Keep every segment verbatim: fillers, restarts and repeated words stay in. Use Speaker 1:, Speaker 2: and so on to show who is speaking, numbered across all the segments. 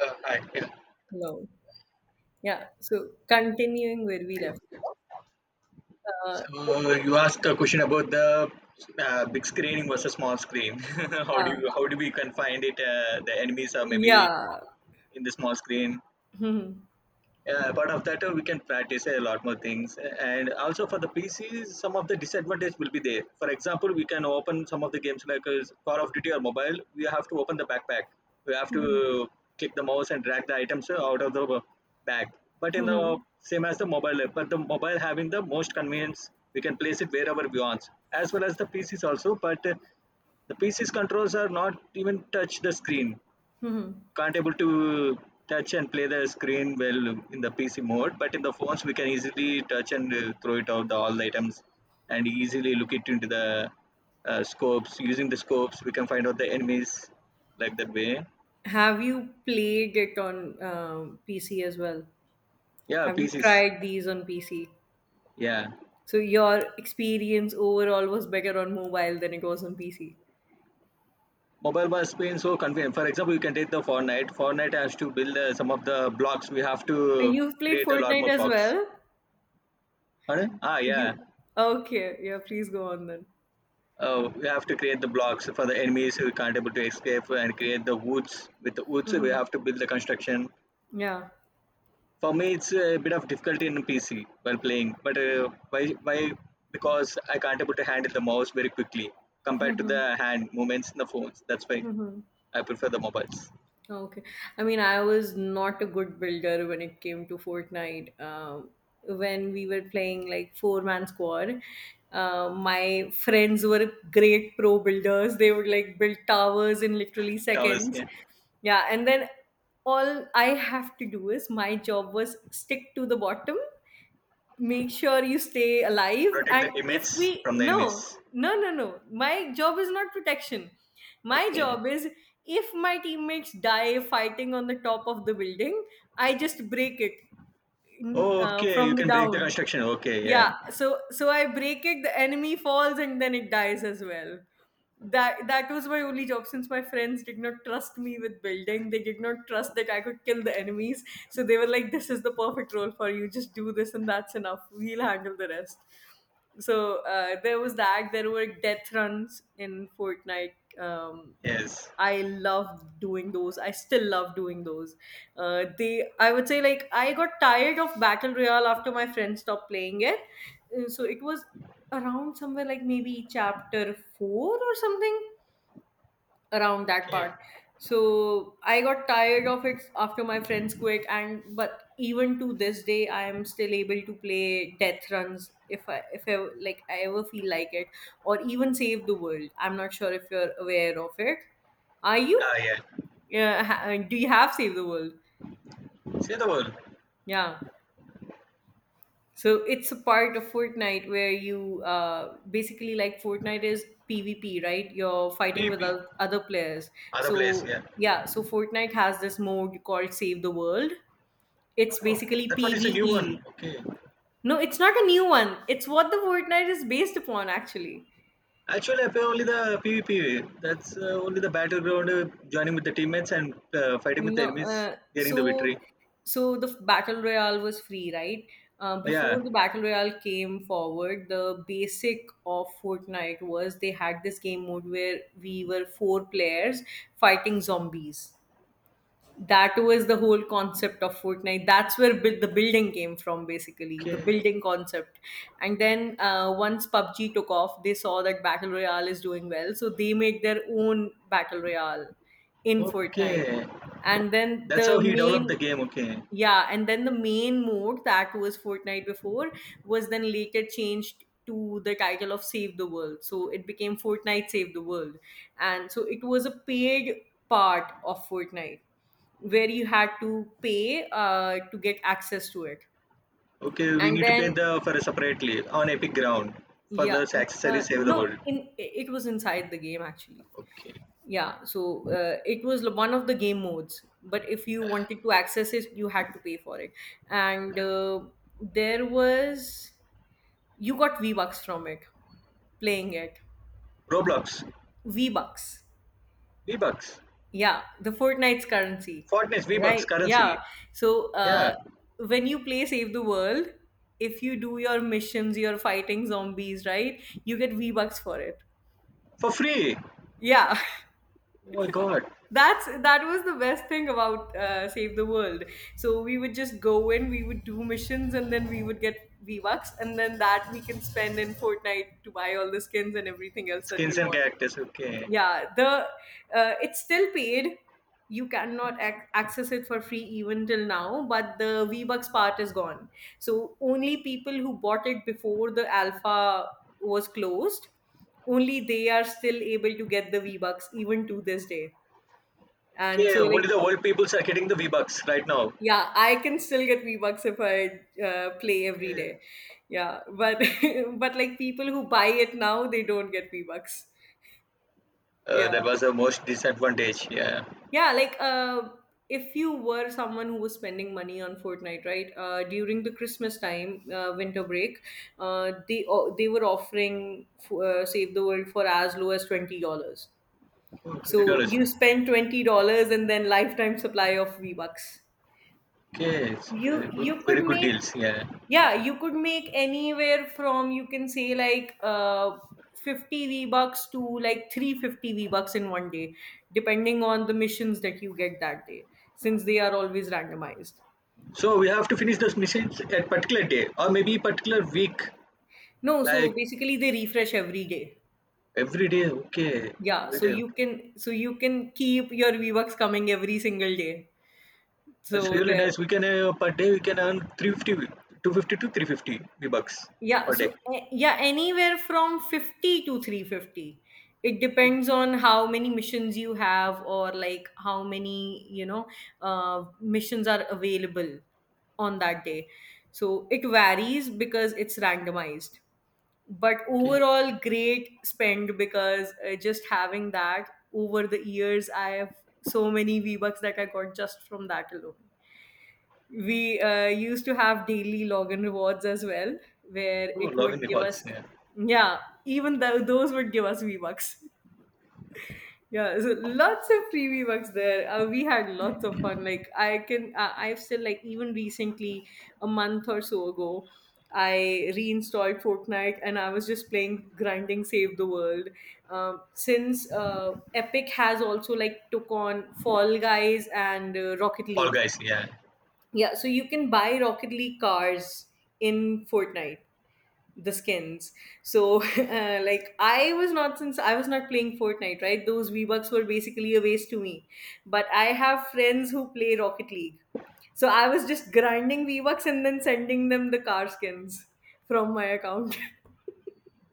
Speaker 1: Uh, hi. Yeah.
Speaker 2: Hello. Yeah. So continuing where we left. Uh,
Speaker 1: So you asked a question about the uh, big screen versus small screen. How do
Speaker 2: uh,
Speaker 1: you, how do we confine it? Uh, the enemies are maybe
Speaker 2: yeah.
Speaker 1: in the small screen.
Speaker 2: Mhm.
Speaker 1: Yeah, apart of that, uh, we can practice a lot more things. And also for the P Cs, some of the disadvantage will be there. For example, we can open some of the games like uh, Call of Duty or mobile. We have to open the backpack. We have
Speaker 2: Mhm.
Speaker 1: to click the mouse and drag the items uh, out of the uh, bag. But in the
Speaker 2: Mhm.
Speaker 1: same as the mobile, uh, but the mobile having the most convenience, we can place it wherever we want, as well as the P Cs also. But uh, the P C's controls are not even touch the screen,
Speaker 2: Mhm.
Speaker 1: can't able to touch and play the screen well in the P C mode, but in the phones we can easily touch and uh, throw it out the all the items and easily look it into the uh, scopes. Using the scopes, we can find out the enemies like that way.
Speaker 2: Have you played it on um, P C as well?
Speaker 1: Yeah,
Speaker 2: Have you
Speaker 1: P Cs.
Speaker 2: tried these on P C?
Speaker 1: Yeah,
Speaker 2: So your experience overall was better on mobile than it was on P C.
Speaker 1: mobile was been so convenient. For example, you can take the Fortnite. Fortnite has to build uh, some of the blocks. We have
Speaker 2: Uh,
Speaker 1: to
Speaker 2: You've played
Speaker 1: create a lot
Speaker 2: Fortnite
Speaker 1: more
Speaker 2: as
Speaker 1: blocks.
Speaker 2: well?
Speaker 1: Pardon? Ah, yeah.
Speaker 2: You okay? Yeah. Please go on then.
Speaker 1: Oh, we have to create the blocks for the enemies who can't able to escape and create the woods. With the woods, we
Speaker 2: Mhm.
Speaker 1: have to build the construction.
Speaker 2: Yeah.
Speaker 1: For me, it's a bit of difficulty in P C while playing, but uh, why? Why? Because I can't able to handle the mouse very quickly compared to
Speaker 2: Mhm.
Speaker 1: the hand movements in the phones. That's why
Speaker 2: Mhm.
Speaker 1: I prefer the mobiles.
Speaker 2: Okay. I mean, I was not a good builder when it came to Fortnite. Um, when we were playing like four man squad, uh, my friends were great pro builders. They would like build towers in literally
Speaker 1: Towers,
Speaker 2: seconds.
Speaker 1: yeah.
Speaker 2: Yeah. And then all I have to do is, my job was stick to the bottom, make sure you stay alive.
Speaker 1: Protect
Speaker 2: And
Speaker 1: the
Speaker 2: if
Speaker 1: teammates
Speaker 2: we—
Speaker 1: from the
Speaker 2: no,
Speaker 1: enemies.
Speaker 2: no, no, no, my job is not protection. My
Speaker 1: Okay.
Speaker 2: job is, if my teammates die fighting on the top of the building, I just break it
Speaker 1: Oh,
Speaker 2: uh,
Speaker 1: okay. You
Speaker 2: from the
Speaker 1: can break the
Speaker 2: down.
Speaker 1: construction. Okay. Yeah.
Speaker 2: Yeah, so so I break it, the enemy falls, and then it dies as well. That that was my only job since my friends did not trust me with building. They did not trust that I could kill the enemies. So they were like, "This is the perfect role for you. Just do this, and that's enough. We'll handle the rest." So uh, there was that. There were death runs in Fortnite. Um,
Speaker 1: Yes.
Speaker 2: I loved doing those. I still love doing those. Uh, they, I would say, like, I got tired of Battle Royale after my friends stopped playing it. Uh, So it was around somewhere like maybe chapter four or something, around that
Speaker 1: Okay.
Speaker 2: part. So I got tired of it after my friends quit, and but even to this day I am still able to play death runs if i if i like, I ever feel like it. Or even Save the World, I'm not sure if you're aware of it. Are you?
Speaker 1: Ah, yeah.
Speaker 2: Yeah. Ha- do you have Save the World?
Speaker 1: See the world.
Speaker 2: Yeah. So it's a part of Fortnite where you uh, basically, like, Fortnite is PvP, right? You're fighting with
Speaker 1: P P.
Speaker 2: oth- other players.
Speaker 1: Other place.
Speaker 2: So
Speaker 1: Yeah.
Speaker 2: yeah, so Fortnite has this mode called Save the World. It's
Speaker 1: Oh,
Speaker 2: basically
Speaker 1: that one is a new
Speaker 2: PvE.
Speaker 1: one. Okay.
Speaker 2: No, it's not a new one. It's what the Fortnite is based upon, actually.
Speaker 1: Actually, I play only the PvP. That's uh, only the battleground, uh, joining with the teammates and uh, fighting with the
Speaker 2: No,
Speaker 1: enemies,
Speaker 2: uh,
Speaker 1: getting the
Speaker 2: so
Speaker 1: victory.
Speaker 2: so the Battle Royale was free, right? Uh,
Speaker 1: Yeah.
Speaker 2: before the Battle Royale came forward, the basic of Fortnite was, they had this game mode where we were four players fighting zombies. That was the whole concept of Fortnite. That's where bu- the building came from, basically, the
Speaker 1: Okay.
Speaker 2: building concept. And then uh, once PUBG took off, they saw that Battle Royale is doing well. So they made their own Battle Royale in Fortnite.
Speaker 1: Okay.
Speaker 2: And then
Speaker 1: That's how
Speaker 2: the
Speaker 1: he developed the
Speaker 2: main
Speaker 1: game. Okay.
Speaker 2: Yeah, and then the main mode that was Fortnite before was then later changed to the title of Save the World. So it became Fortnite Save the World. And so it was a paid part of Fortnite where you had to pay uh, to get access to it.
Speaker 1: Okay. We
Speaker 2: And
Speaker 1: need to pay
Speaker 2: then,
Speaker 1: the for separately on Epic Ground for the
Speaker 2: yeah, uh,
Speaker 1: accessories save the
Speaker 2: no,
Speaker 1: world.
Speaker 2: in it was inside the game, actually.
Speaker 1: Okay.
Speaker 2: Yeah, so uh, it was one of the game modes, but if you wanted to access it, you had to pay for it. And uh, there was you got V bucks from it playing it.
Speaker 1: Roblox,
Speaker 2: V bucks.
Speaker 1: V Bucks,
Speaker 2: Yeah, the Fortnite's currency,
Speaker 1: Fortnite V Bucks
Speaker 2: right?
Speaker 1: currency.
Speaker 2: Yeah. So
Speaker 1: Yeah.
Speaker 2: uh, when you play Save the World, if you do your missions, you're fighting zombies, right? You get V bucks for it.
Speaker 1: For free.
Speaker 2: Yeah.
Speaker 1: Oh my God.
Speaker 2: That's that was the best thing about uh, Save the World. So we would just go in, we would do missions, and then we would get V bucks, and then that we can spend in Fortnite to buy all the skins and everything else that
Speaker 1: Skins
Speaker 2: we
Speaker 1: and
Speaker 2: want.
Speaker 1: characters. Okay.
Speaker 2: Yeah, the uh, it's still paid. You cannot ac- access it for free even till now, but the V Bucks part is gone. So only people who bought it before the alpha was closed, only they are still able to get the V Bucks even to this day. And
Speaker 1: Yeah,
Speaker 2: so,
Speaker 1: only
Speaker 2: like,
Speaker 1: the old peoples are getting the V-Bucks right now.
Speaker 2: yeah, I can still get V Bucks if I uh, play every
Speaker 1: Okay.
Speaker 2: day. Yeah, but but like, people who buy it now, they don't get V Bucks.
Speaker 1: Uh,
Speaker 2: Yeah.
Speaker 1: that was the most disadvantage. Yeah.
Speaker 2: Yeah, like, uh, if you were someone who was spending money on Fortnite, right? Uh, during the Christmas time, uh, winter break, uh, they o- they were offering f- uh, Save the World for as low as twenty dollars.
Speaker 1: Oh, Twenty
Speaker 2: So
Speaker 1: dollars.
Speaker 2: you spend twenty dollars and then lifetime supply of V Bucks.
Speaker 1: Okay, it's very
Speaker 2: you
Speaker 1: good,
Speaker 2: you could
Speaker 1: very good
Speaker 2: make—
Speaker 1: deals. Yeah.
Speaker 2: yeah, you could make anywhere from, you can say, like, uh fifty v bucks to like three hundred fifty v bucks in one day, depending on the missions that you get that day, since they are always randomized.
Speaker 1: So we have to finish those missions at particular day or maybe particular week,
Speaker 2: No, so
Speaker 1: like
Speaker 2: basically they refresh every day.
Speaker 1: every day. Okay,
Speaker 2: Yeah,
Speaker 1: every
Speaker 2: so
Speaker 1: day.
Speaker 2: you
Speaker 1: Okay.
Speaker 2: can so you can keep your v bucks coming every single day.
Speaker 1: That's
Speaker 2: So
Speaker 1: really
Speaker 2: the
Speaker 1: nice. We can uh, per day we can earn three fifty, two fifty to three fifty V-Bucks
Speaker 2: Yeah,
Speaker 1: per day.
Speaker 2: so a- yeah, anywhere from fifty to three hundred fifty. It depends on how many, missions you have or like how many, you know, uh, missions are available on that day. So it varies because it's randomized. But
Speaker 1: Okay.
Speaker 2: overall, great spend, because uh, just having that over the years, I have so many V-Bucks that I got just from that alone. We uh, used to have daily login rewards as well, where
Speaker 1: Oh,
Speaker 2: it
Speaker 1: logging
Speaker 2: would
Speaker 1: the
Speaker 2: give
Speaker 1: calls.
Speaker 2: us,
Speaker 1: Yeah.
Speaker 2: yeah, even though those would give us V Bucks. Yeah, so lots of free V Bucks there. Uh, we had lots of fun. Like I can, uh, I've still, like, even recently, a month or so ago, I reinstalled Fortnite and I was just playing grinding Save the World. Um, since uh, Epic has also like took on Fall Guys and uh, Rocket
Speaker 1: All
Speaker 2: League,
Speaker 1: guys. Yeah.
Speaker 2: yeah, so you can buy Rocket League cars in Fortnite, the skins. So, uh, like, I was not— since I was not playing Fortnite, right? Those V-Bucks were basically a waste to me. But I have friends who play Rocket League. So I was just grinding V-Bucks and then sending them the car skins from my account.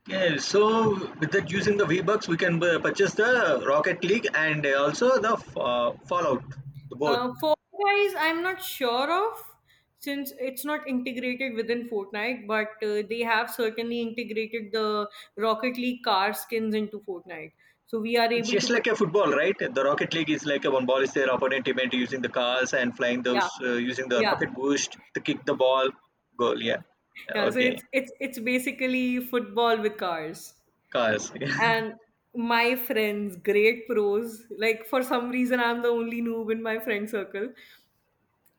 Speaker 1: Okay, so with that using the V-Bucks, we can bu- purchase the Rocket League and uh, also the fa- Fallout, the both.
Speaker 2: Uh, Fall Guys, I'm not sure of, since it's not integrated within Fortnite, but uh, they have certainly integrated the Rocket League car skins into Fortnite. So we are
Speaker 1: It's
Speaker 2: able to
Speaker 1: just
Speaker 2: purchase.
Speaker 1: like a football, right? The Rocket League is like a one ball is their opponent event using the cars and flying those
Speaker 2: Yeah,
Speaker 1: uh, using the
Speaker 2: yeah,
Speaker 1: rocket boost to kick the ball goal. Yeah, yeah,
Speaker 2: yeah. So
Speaker 1: okay,
Speaker 2: it's it's it's basically football with cars.
Speaker 1: cars.
Speaker 2: And my friends, great pros. Like, for some reason, I'm the only noob in my friend circle.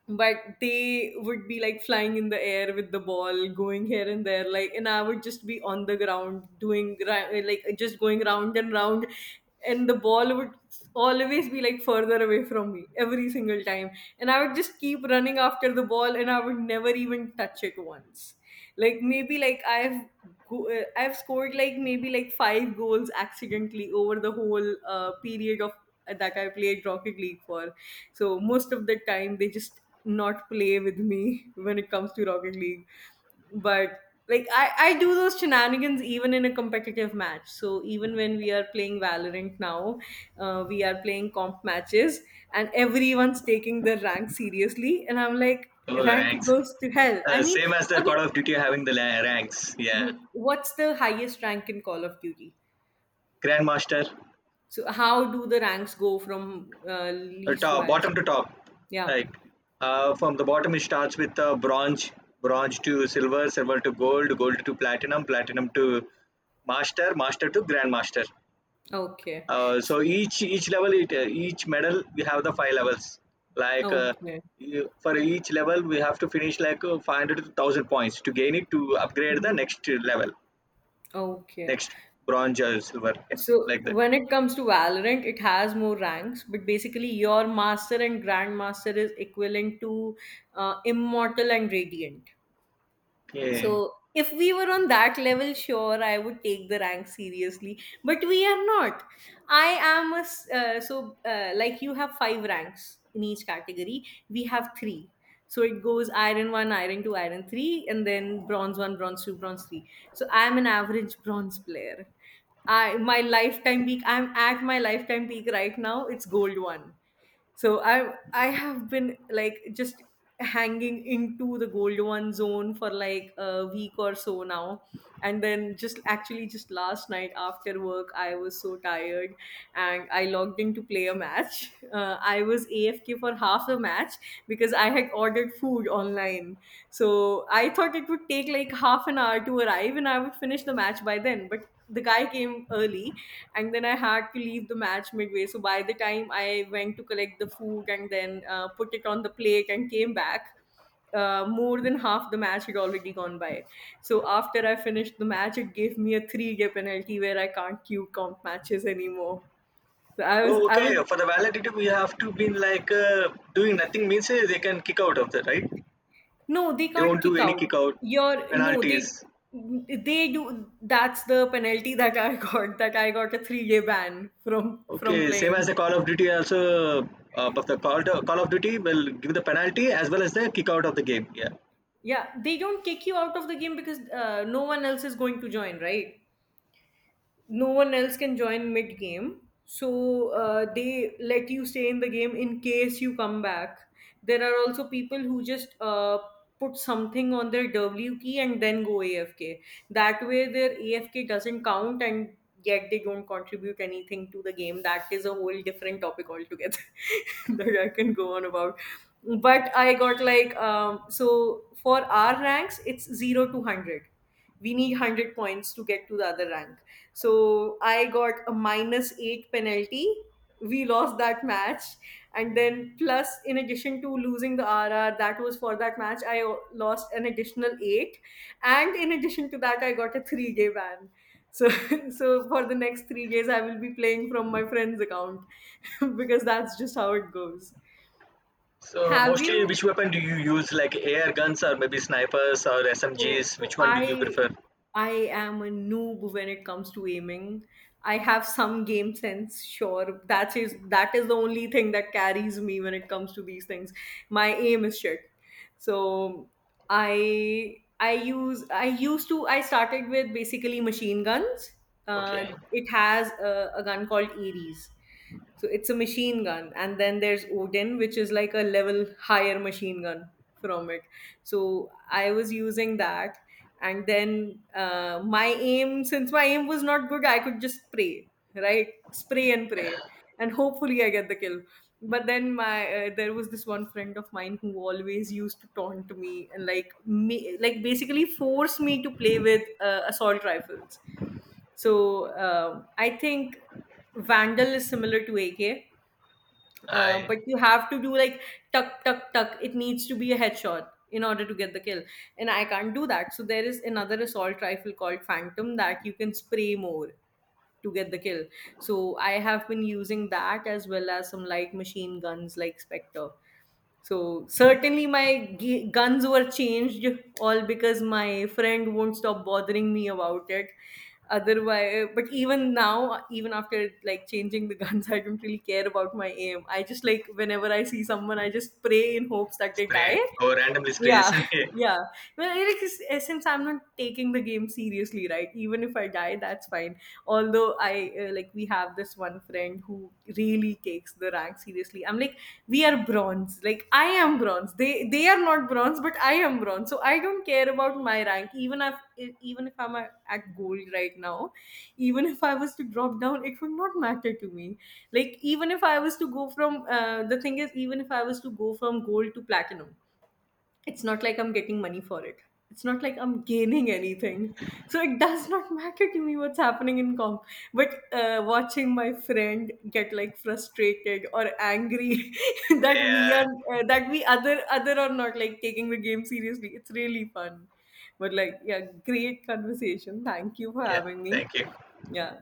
Speaker 2: But they would be like flying in the air with the ball going here and there like, and I would just be on the ground doing ri- like, just going round and round. And the ball would always be like further away from me every single time. And I would just keep running after the ball and I would never even touch it once. Like maybe like i've go- uh, I've scored like maybe like five goals accidentally over the whole uh, period of that I played Rocket League for. So most of the time they just not play with me when it comes to Rocket League. But like, I, I do those shenanigans even in a competitive match. So even when we are playing Valorant now, uh, we are playing comp matches and everyone's taking their rank seriously. And I'm like,
Speaker 1: Oh,
Speaker 2: rank
Speaker 1: ranks.
Speaker 2: goes to hell. I
Speaker 1: Uh,
Speaker 2: mean,
Speaker 1: same as the
Speaker 2: okay,
Speaker 1: Call of Duty having the la- ranks. Yeah,
Speaker 2: mhm, what's the highest rank in Call of Duty?
Speaker 1: Grandmaster.
Speaker 2: So how do the ranks go from uh,
Speaker 1: The
Speaker 2: least to
Speaker 1: top
Speaker 2: highest?
Speaker 1: bottom to top,
Speaker 2: Yeah.
Speaker 1: like uh, from the bottom it starts with uh, bronze, bronze to silver, silver to gold, gold to platinum, platinum to master, master to grandmaster.
Speaker 2: Okay.
Speaker 1: Uh,
Speaker 2: S-
Speaker 1: so each each level it, uh, each medal we have the five levels, like uh,
Speaker 2: Okay.
Speaker 1: you- for each level we have to finish like uh, five hundred to one thousand points to gain it to upgrade the
Speaker 2: Hmm.
Speaker 1: next level,
Speaker 2: Okay.
Speaker 1: next bronze or silver, yeah,
Speaker 2: So
Speaker 1: like that.
Speaker 2: when it comes to Valorant, it has more ranks, but basically your master and grandmaster is equivalent to uh, immortal and radiant.
Speaker 1: Okay.
Speaker 2: So if we were on that level, sure, I would take the rank seriously. But we are not. I am a s- uh, So uh, like, you have five ranks in each category. We have three. So it goes iron one, iron two, iron three, and then bronze one, bronze two, bronze three. So I am an average bronze player. I my lifetime peak. I'm at my lifetime peak right now. It's gold one, so i i have been, like, just hanging into the gold one zone for like a week or so now. And then just actually just last night after work, I was so tired, and I logged in to play a match. uh, I was afk for half a match because I had ordered food online. So I thought it would take like half an hour to arrive and I would finish the match by then, but the guy came early. And then I had to leave the match midway, so by the time I went to collect the food and then uh, put it on the plate and came back, uh, more than half the match had already gone by. So after I finished the match, it gave me a three day penalty where I can't cue comp matches anymore. So i was
Speaker 1: Oh,
Speaker 2: i
Speaker 1: okay.
Speaker 2: was
Speaker 1: For the validity, we have to be like uh, doing nothing means uh, they can kick out of the, right?
Speaker 2: No, they
Speaker 1: They
Speaker 2: can't
Speaker 1: won't do
Speaker 2: kick
Speaker 1: any kick
Speaker 2: out.
Speaker 1: out
Speaker 2: your no they
Speaker 1: penalties.
Speaker 2: they do. That's the penalty that I got, that I got a three day ban from from
Speaker 1: Okay, same as
Speaker 2: playing.
Speaker 1: the Call of Duty also. Uh, but the Call, Call of Duty will give the penalty as well as the kick out of the game. Yeah.
Speaker 2: Yeah, they don't kick you out of the game, because uh, no one else is going to join, right? No one else can join mid game, so uh, they let you stay in the game in case you come back. There are also people who just uh, put something on their w key and then go afk. That way their afk doesn't count, and yet they don't contribute anything to the game. That is a whole different topic altogether that I can go on about. But I got like, um, so for our ranks it's zero to one hundred. We need one hundred points to get to the other rank. So I got a minus eight penalty. We lost that match. And then, plus, in addition to losing the R R that was for that match, I o- lost an additional eight. And in addition to that, I got a three day ban. So, so for the next three days, I will be playing from my friend's account because that's just how it goes.
Speaker 1: So
Speaker 2: Have
Speaker 1: mostly, which
Speaker 2: you?
Speaker 1: weapon do you use? Like A R guns or maybe snipers or
Speaker 2: Oh,
Speaker 1: S M Gs?
Speaker 2: oh,
Speaker 1: Which one do you
Speaker 2: I
Speaker 1: prefer?
Speaker 2: I am a noob when it comes to aiming. I have some game sense, sure. That is that is the only thing that carries me when it comes to these things. My aim is shit, so I I use I used to I started with basically machine guns. uh,
Speaker 1: Okay.
Speaker 2: it has a, a gun called Ares. So it's a machine gun, and then there's Odin, which is like a level higher machine gun from it. So I was using that, and then uh, my aim since my aim was not good, I could just pray. Right, spray and pray, and hopefully I get the kill. But then my uh, there was this one friend of mine who always used to taunt me and like me, like, basically force me to play with uh, assault rifles. So um, I think vandal is similar to ak. Uh,
Speaker 1: I
Speaker 2: but you have to do like tuck tuck tuck. It needs to be a headshot in order to get the kill, and I can't do that. So there is another assault rifle called Phantom that you can spray more to get the kill. So I have been using that, as well as some light machine guns like Spectre. So certainly my g- guns were changed, all because my friend won't stop bothering me about it. Otherwise, but even now, even after like changing the guns, I don't really care about my aim. I just like whenever I see someone, I just pray in hopes that they
Speaker 1: spray
Speaker 2: die.
Speaker 1: or randomly sprays.
Speaker 2: Yeah, yeah. Well, it is, eh, since I'm not taking the game seriously, right? Even if I die, that's fine. Although I uh, like, we have this one friend who really takes the rank seriously. I'm like, we are bronze. Like, I am bronze. They they are not bronze, but I am bronze. So I don't care about my rank. Even if e, even if I'm at at gold right now, even if I was to drop down, it would not matter to me. Like, even if I was to go from uh, the thing is, even if I was to go from gold to platinum, it's not like I'm getting money for it. It's not like I'm gaining anything. So it does not matter to me what's happening in comp. But uh, watching my friend get like frustrated or angry
Speaker 1: Okay,
Speaker 2: that we are
Speaker 1: yeah.
Speaker 2: uh, that we other other are not like taking the game seriously. It's really fun. But like, yeah, great conversation. Thank you for
Speaker 1: Yeah.
Speaker 2: having me.
Speaker 1: Thank you.
Speaker 2: Yeah.